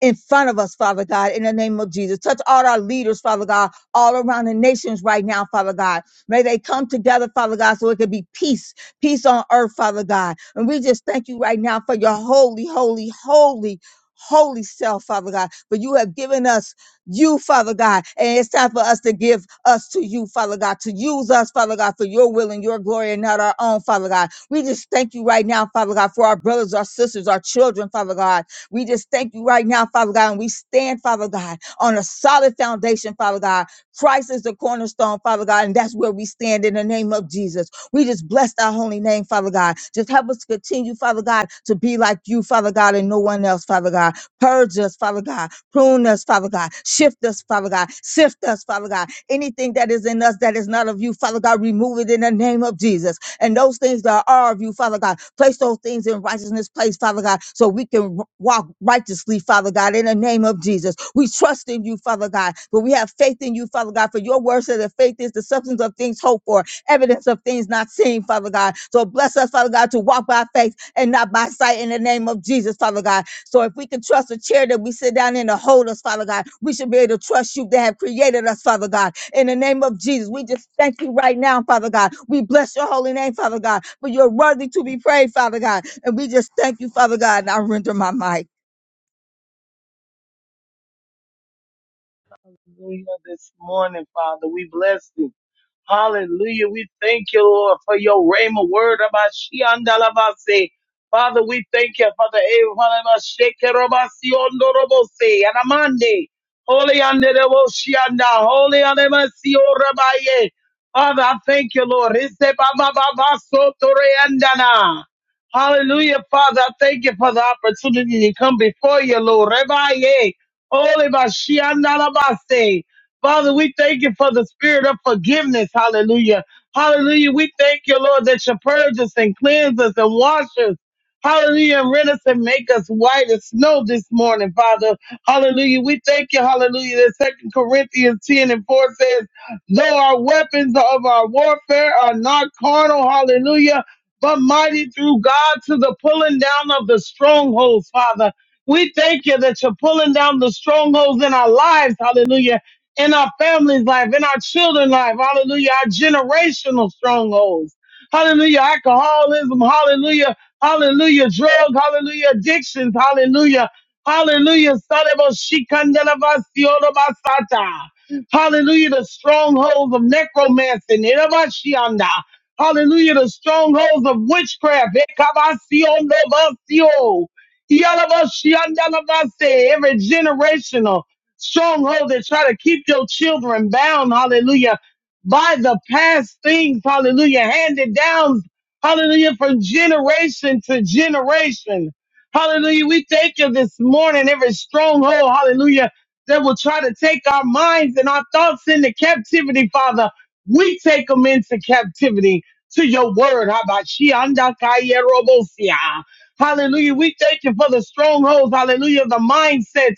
in front of us, Father God, in the name of Jesus. Touch all our leaders, Father God, all around the nations right now, Father God. May they come together, Father God, so it could be peace, peace on earth, Father God. And we just thank you right now for your holy, holy, holy, holy self, Father God. For you have given us you, Father God. And it's time for us to give us to you, Father God, to use us, Father God, for your will and your glory and not our own, Father God. We just thank you right now, Father God, for our brothers, our sisters, our children, Father God we just thank you right now, Father God, and we stand, Father God, on a solid foundation, Father God. Christ is the cornerstone, Father God, and that's where we stand in the name of Jesus. We just bless our holy name, Father God. Just help us continue, Father God, to be like you, Father God, and no one else, Father God. Purge us, Father God. Prune us, Father God. Shift us, Father God. Sift us, Father God. Anything that is in us that is not of you, Father God, remove it in the name of Jesus and those things that are of you, Father God. Place those things in righteousness, place, Father God, so we can w- walk righteously, Father God, in the name of Jesus. We trust in you, Father God, but we have faith in you, Father God, for your word says that faith is the substance of things hoped for, evidence of things not seen, Father God. So bless us, Father God, to walk by faith and not by sight in the name of Jesus, Father God. So if we can trust a chair that we sit down in to hold us, Father God, we should be able to trust you that have created us, Father God in the name of Jesus. We just thank you right now, Father God. We bless your holy name, Father God, for you're worthy to be praised, Father God. And we just thank you, Father God. And I render my mic. Hallelujah this morning, Father. We bless you. Hallelujah. We thank you, Lord, for your rhema word about Shiandalabase. Father, we thank you for the Evanabashekerabasiondorobose and Amande. Holy Andereboshianda. Holy Andemasioramaye. Father, I thank you, Lord. Isebabababasotoreandana. Hallelujah, Father. I thank you for the opportunity to come before you, Lord. Rebaye. Holy Bashiandalabase. Father, we thank you for the spirit of forgiveness. Hallelujah. Hallelujah. We thank you, Lord, that you purge us and cleanse us and wash us. Hallelujah. And rent us and make us white as snow this morning, Father. Hallelujah. We thank you. Hallelujah. That Second Corinthians 10 and 4 says, though our weapons of our warfare are not carnal. Hallelujah. But mighty through God to the pulling down of the strongholds, Father. We thank you that you're pulling down the strongholds in our lives. Hallelujah in our family's life, in our children's life. Hallelujah. Our generational strongholds. Hallelujah. Alcoholism. Hallelujah. Hallelujah. Drug. Hallelujah. Addictions. Hallelujah. Hallelujah. Sarebo-shikandalavasiorobasata. Hallelujah. The strongholds of necromancy. Nerabashianda. Hallelujah. The strongholds of witchcraft. Ekabasionobasio. Yalabashiandalavase. Every generational stronghold that try to keep your children bound, hallelujah, by the past things, hallelujah, handed down, hallelujah, from generation to generation. Hallelujah. We thank you this morning, every stronghold, hallelujah, that will try to take our minds and our thoughts into captivity, Father. We take them into captivity to your word. Habashiandakayerobosia. Hallelujah. We thank you for the strongholds. Hallelujah. The mindsets.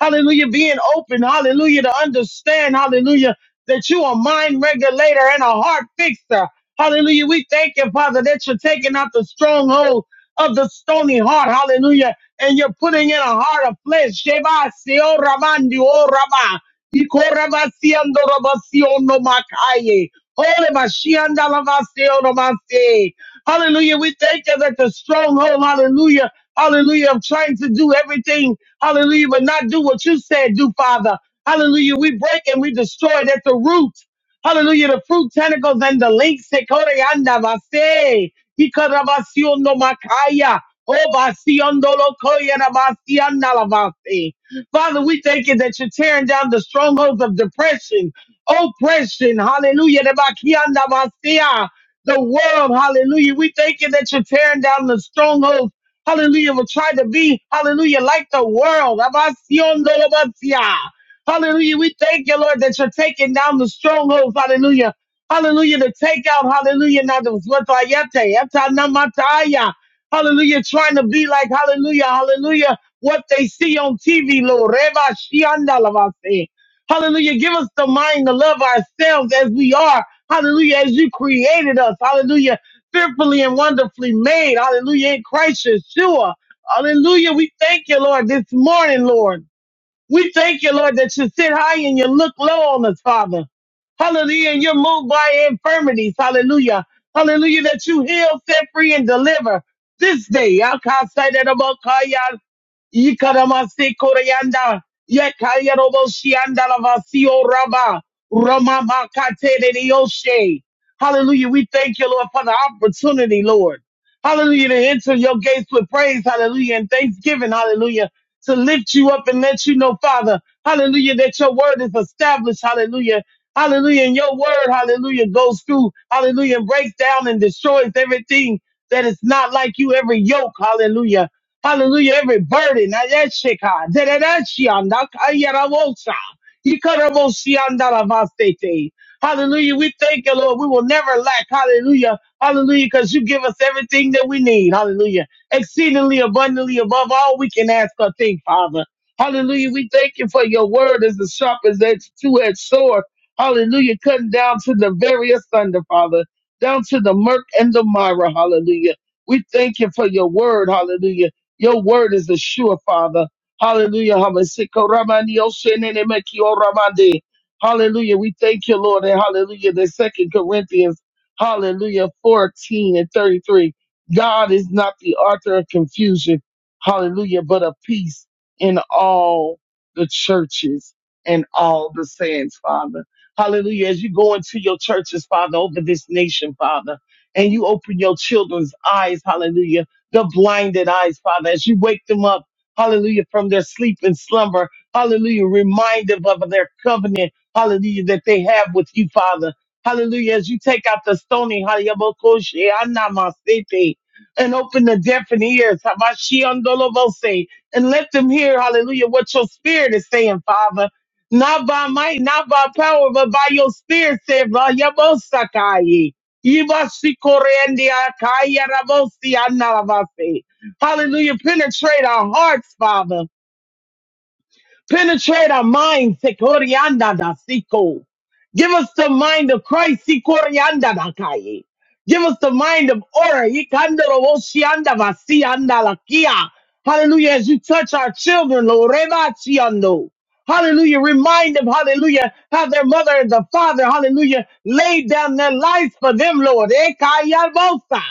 Hallelujah. Being open. Hallelujah. To understand. Hallelujah. That you are a mind regulator and a heart fixer. Hallelujah. We thank you, Father, that you're taking out the stronghold of the stony heart. Hallelujah. And you're putting in a heart of flesh. Sheba, seo, ramandi, o, rama. Iko, rama, siando, rama, siono, makaye. Ole, mashianda, rama, siono, mase. Hallelujah. We thank you that the stronghold, hallelujah, hallelujah, of trying to do everything, hallelujah, but not do what you said, do, Father. Hallelujah. We break and we destroy it at the root. Hallelujah. The fruit tentacles and the links. Sekore anda vase. Ikarabasiando makaya. Obasiando lokoya rabasianda lavase. Father, we thank you that you're tearing down the strongholds of depression, oppression. Hallelujah. Rebakianda vasea the world. Hallelujah. We thank you that you're tearing down the strongholds. Hallelujah. We'll try to be, hallelujah, like the world. Abasiondolobasia. Hallelujah. We thank you, Lord, that you're taking down the strongholds. Hallelujah. Hallelujah. To take out, hallelujah, now those watayete, etanamataya. Hallelujah. Trying to be like, hallelujah, hallelujah, what they see on TV, Lord. Reba shiandalabasi. Hallelujah. Give us the mind to love ourselves as we are. Hallelujah. As you created us. Hallelujah. Fearfully and wonderfully made. Hallelujah. In Christ Yeshua. Hallelujah. We thank you, Lord, this morning, Lord. We thank you, Lord, that you sit high and you look low on us, Father. Hallelujah. And you're moved by infirmities. Hallelujah. Hallelujah. That you heal, set free, and deliver this day. Yakasaidabakaya, yikaramasikoryanda, yakayaroboshiyandalabasioraba, ramamakatereyoshe. Hallelujah. We thank you, Lord, for the opportunity, Lord. Hallelujah. To enter your gates with praise. Hallelujah. And thanksgiving. Hallelujah to lift you up and let you know, Father, hallelujah, that your word is established, hallelujah. Hallelujah. And your word, hallelujah, goes through, hallelujah, and breaks down and destroys everything that is not like you, every yoke, hallelujah. Hallelujah, every burden. Ayeshika, dededeshianda, kayarawosa, ikaraboshiandaravasete. Hallelujah. We thank you, Lord. We will never lack. Hallelujah. Hallelujah. Because you give us everything that we need. Hallelujah exceedingly abundantly above all we can ask or think, Father. Hallelujah. We thank you for your word as the sharp as that two-edged sword. Hallelujah. Cutting down to the various thunder, Father, down to the murk and the mire. Hallelujah. We thank you for your word. Hallelujah. Your word is the sure, Father. Hallelujah. Hallelujah. We thank you, Lord. And hallelujah. The second Corinthians, hallelujah, 14 and 33. God is not the author of confusion, hallelujah, but of peace in all the churches and all the saints, Father. Hallelujah. As you go into your churches, Father, over this nation, Father, and you open your children's eyes, hallelujah, the blinded eyes, Father, as you wake them up, hallelujah, from their sleep and slumber, hallelujah, remind them of their covenant, hallelujah, that they have with you, Father. Hallelujah. As you take out the stony, hallelujah, and open the deaf and ears, Hamashiandolobose, and let them hear, hallelujah, what your spirit is saying, Father. Not by might, not by power, but by your spirit, said Vayabosakaye. Hallelujah. Penetrate our hearts, Father. Penetrate our minds. Sekorianda da siko. Give us the mind of Christ. Sikorianda da kaye. Give us the mind of order. Ikandoro woshianda vasianda lakia. Hallelujah. As you touch our children, Lord. Rebachiando. Hallelujah. Remind them, hallelujah, how their mother and the father, hallelujah, laid down their lives for them, Lord. Ekayabosa.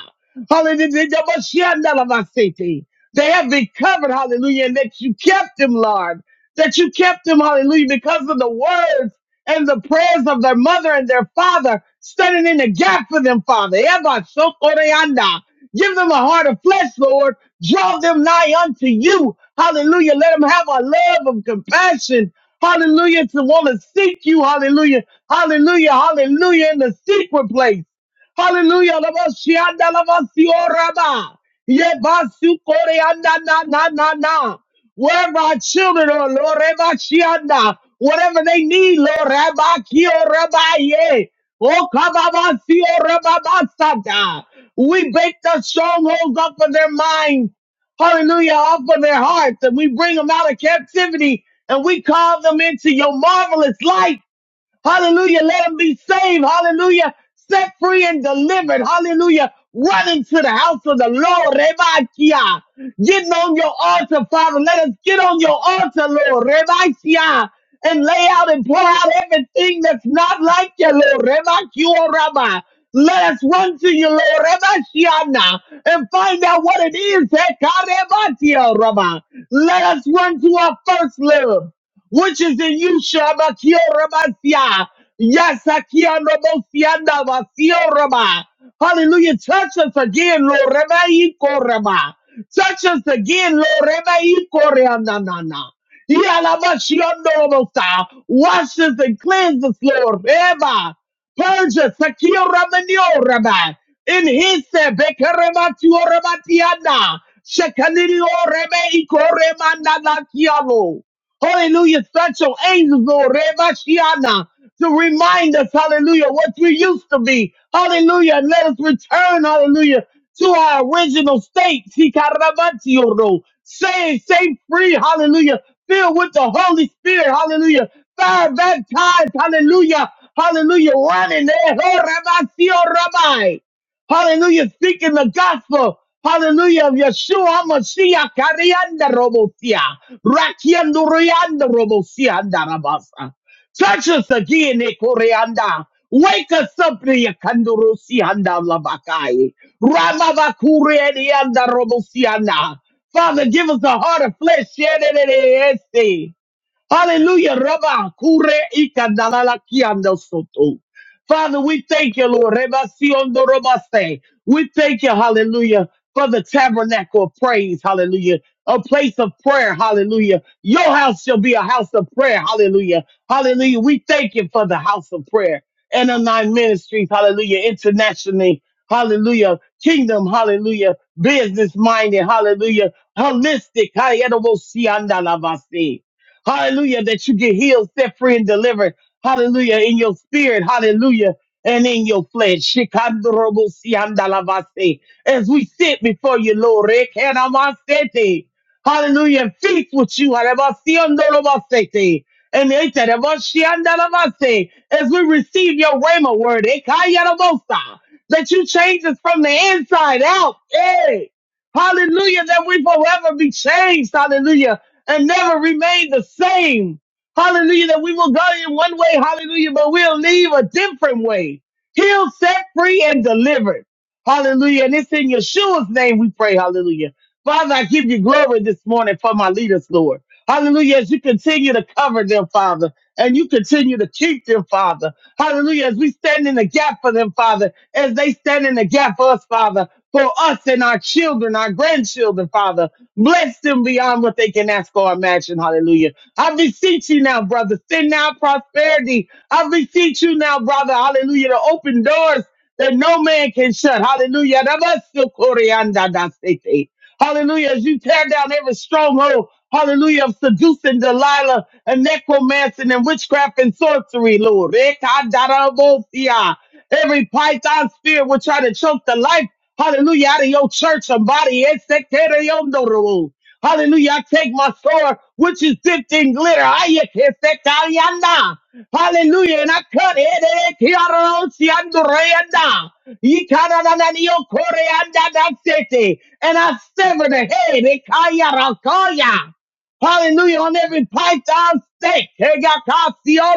Hallelujah. Dabashianda lavasiti. They have been covered, hallelujah, and that you kept them, Lord that you kept them, hallelujah, because of the words and the prayers of their mother and their father, standing in the gap for them, Father. Eba sokoreanda. Give them a heart of flesh, Lord. Draw them nigh unto you. Hallelujah. Let them have a love of compassion. Hallelujah. To want to seek you. Hallelujah. Hallelujah. Hallelujah. In the secret place. Hallelujah. Labashianda labasioraba. Yebasu koreanda na na na na. Wherever our children are, Lord, Rebashianda, whatever they need, Lord, Rabakio Rabaye. Oh, kababasio rababasada. We break the strongholds up of their minds. Hallelujah. Off of their hearts. And we bring them out of captivity and we call them into your marvelous light. Hallelujah. Let them be saved. Hallelujah. Set free and delivered. Hallelujah. Run into the house of the Lord. Rebakia. Getting on your altar, Father. Let us get on your altar, Lord. Rebakia. And lay out and pour out everything that's not like you, Lord. Rebakia Rabbi. Let us run to you, Lord. Rebakiana. And find out what it is. Ekarebatia Rabbi. Let us run to our first love which is in you, Shabakia Rabasia. Yes, Akia Nobosianda Basio Rama. Hallelujah. Touch us again, Lord Rema Rama. Touch us again, Lord Rema Ikoreanana. Yalamashiondorobosa. Wash us and cleanse us, Lord. Eba. Purge us, Akia Ramanio Rama. In his Bekarematio Ramatiana. Shekanirio Reme Ikorema Nanakiano. Hallelujah. Such your angels, Lord, Rebashiana, to remind us, hallelujah, what we used to be. Hallelujah. And let us return, hallelujah, to our original state. Sikarabatiyoro. Saved, saved free, hallelujah. Filled with the Holy Spirit, hallelujah. Fire baptized, hallelujah. Hallelujah. Running there. Ho, Rabasio, Rabbi. Hallelujah. Speaking the gospel. Hallelujah of Yeshua Mashiach Karianda Robosia. Rakiando Rianda Robosia Andarabasa. Touch us again, Ekorianda. Wake us up, Yakandurusi Andalabakai. Ramabakuri Robosia. Father, give us a heart of flesh. Yedididiyesi. Hallelujah. Rabba kure ikandalala kiando soto. Father, we thank you, Lord. Reba siondo roba se. We thank you, hallelujah, for the tabernacle of praise, hallelujah. A place of prayer, hallelujah. Your house shall be a house of prayer, hallelujah. Hallelujah. We thank you for the house of prayer and the nine ministries, hallelujah, internationally, hallelujah. Kingdom, hallelujah. Business minded, hallelujah. Holistic, hallelujah. Hallelujah. That you get healed, set free, and delivered. Hallelujah. In your spirit. Hallelujah. And in your flesh. Shikandorobosiandalabase. As we sit before you, Lord. Rekanamasete. Hallelujah. And feast with you. Harabasiandorobasete. And etarabashiandalabase. as we receive your rhema word, Ekayarabosa. that you change us from the inside out. Hey. Hallelujah, that we forever be changed. Hallelujah and never remain the same. Hallelujah, that we will go in one way, hallelujah, but we'll leave a different way. He'll set free, and delivered. Hallelujah. And it's in Yeshua's name we pray, hallelujah. Father, I give you glory this morning for my leaders, Lord. Hallelujah, as you continue to cover them, Father, and you continue to keep them, Father. Hallelujah, as we stand in the gap for them, Father, as they stand in the gap for us, Father, for us and our children, our grandchildren, Father. Bless them beyond what they can ask or imagine. Hallelujah. I beseech you now, brother. Send out prosperity. I beseech you now, brother. Hallelujah. To open doors that no man can shut. Hallelujah. Rabasokoriandadasete. Hallelujah. As you tear down every stronghold. Hallelujah. Of seducing Delilah and necromancing and witchcraft and sorcery, Lord. Rekadarabosia. Every python spirit will try to choke the life Hallelujah. Out of your church, somebody. Esekereyondoro. Hallelujah. I take my sword, which is dipped in glitter. Ayekesekayana. Hallelujah. And I cut it. Ekearosiandoreyanda. Yikarananiokoreandadasete. And I sever the head. Ekayarakaya. Hallelujah. On every python stake. Hey, God, God, see all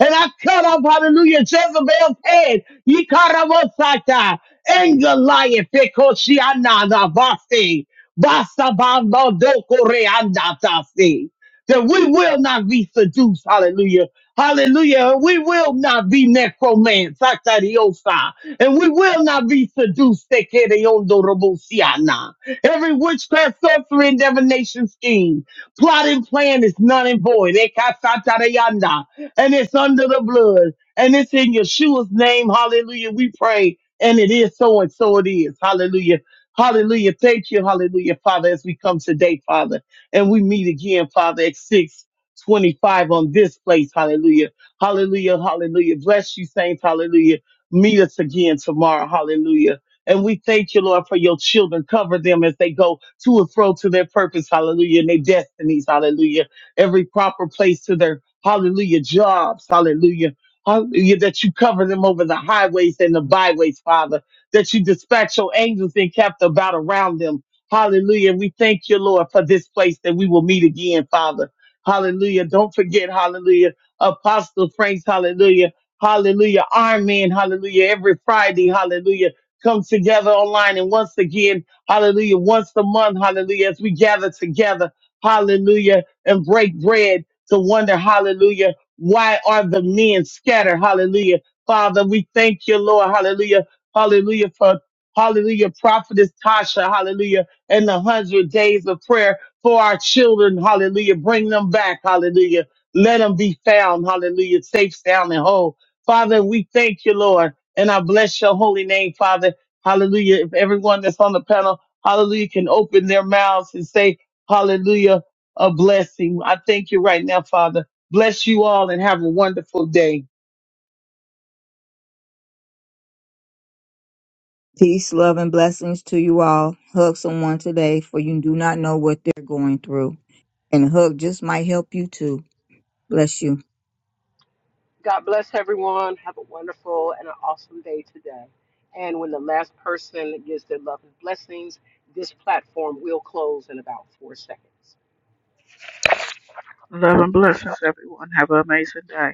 And I cut off, hallelujah, Jezebel's head. Ye cut off Osaka. And Goliath. Ekoshiana da Basi. Basta bamba doko reanda tasi. That we will not be seduced. Hallelujah. Hallelujah. And We will not be necromants. Sakariosa. And we will not be seduced. Tekeriondo robosiana. Every witchcraft, sorcery, and divination scheme, plot and plan is none and void. Ekasatarayanda. And it's under the blood. And it's in Yeshua's name. Hallelujah. We pray. And it is so and so it is. Hallelujah. Hallelujah. Thank you. Hallelujah, Father, as we come today, Father. And we meet again, Father, at 6 25 on this place. Hallelujah. Hallelujah. Hallelujah. Bless you, saints. Hallelujah. Meet us again tomorrow. Hallelujah. And we thank you, Lord, for your children. Cover them as they go to and fro to their purpose, hallelujah, and their destinies, hallelujah. Every proper place to their, hallelujah, jobs, hallelujah. Hallelujah, that you cover them over the highways and the byways, Father, that you dispatch your angels and kept about around them. Hallelujah. We thank you, Lord, for this place that we will meet again, Father. Hallelujah. Don't forget, hallelujah, Apostle Franks, hallelujah. Hallelujah. Iron Man, hallelujah. Every Friday, hallelujah Come together online. And once again, hallelujah, once a month, hallelujah, as we gather together, hallelujah, and break bread to wonder, hallelujah, why are the men scattered? Hallelujah. Father, we thank you, Lord. Hallelujah. Hallelujah for Hallelujah, Prophetess Tasha, hallelujah, and the hundred days of prayer for our children, hallelujah. Bring them back, hallelujah. Let them be found, hallelujah, safe, sound, and whole. Father, we thank you, Lord. And I bless your holy name, Father. Hallelujah. If everyone that's on the panel, hallelujah, can open their mouths and say, hallelujah, a blessing. I thank you right now, Father. Bless you all and have a wonderful day. Peace, love, and blessings to you all. Hug someone today, for you do not know what they're going through. And a hug just might help you too. Bless you. God bless everyone. Have a wonderful and an awesome day today. And when the last person gives their love and blessings, this platform will close in about four seconds. Love and blessings, everyone. Have an amazing day.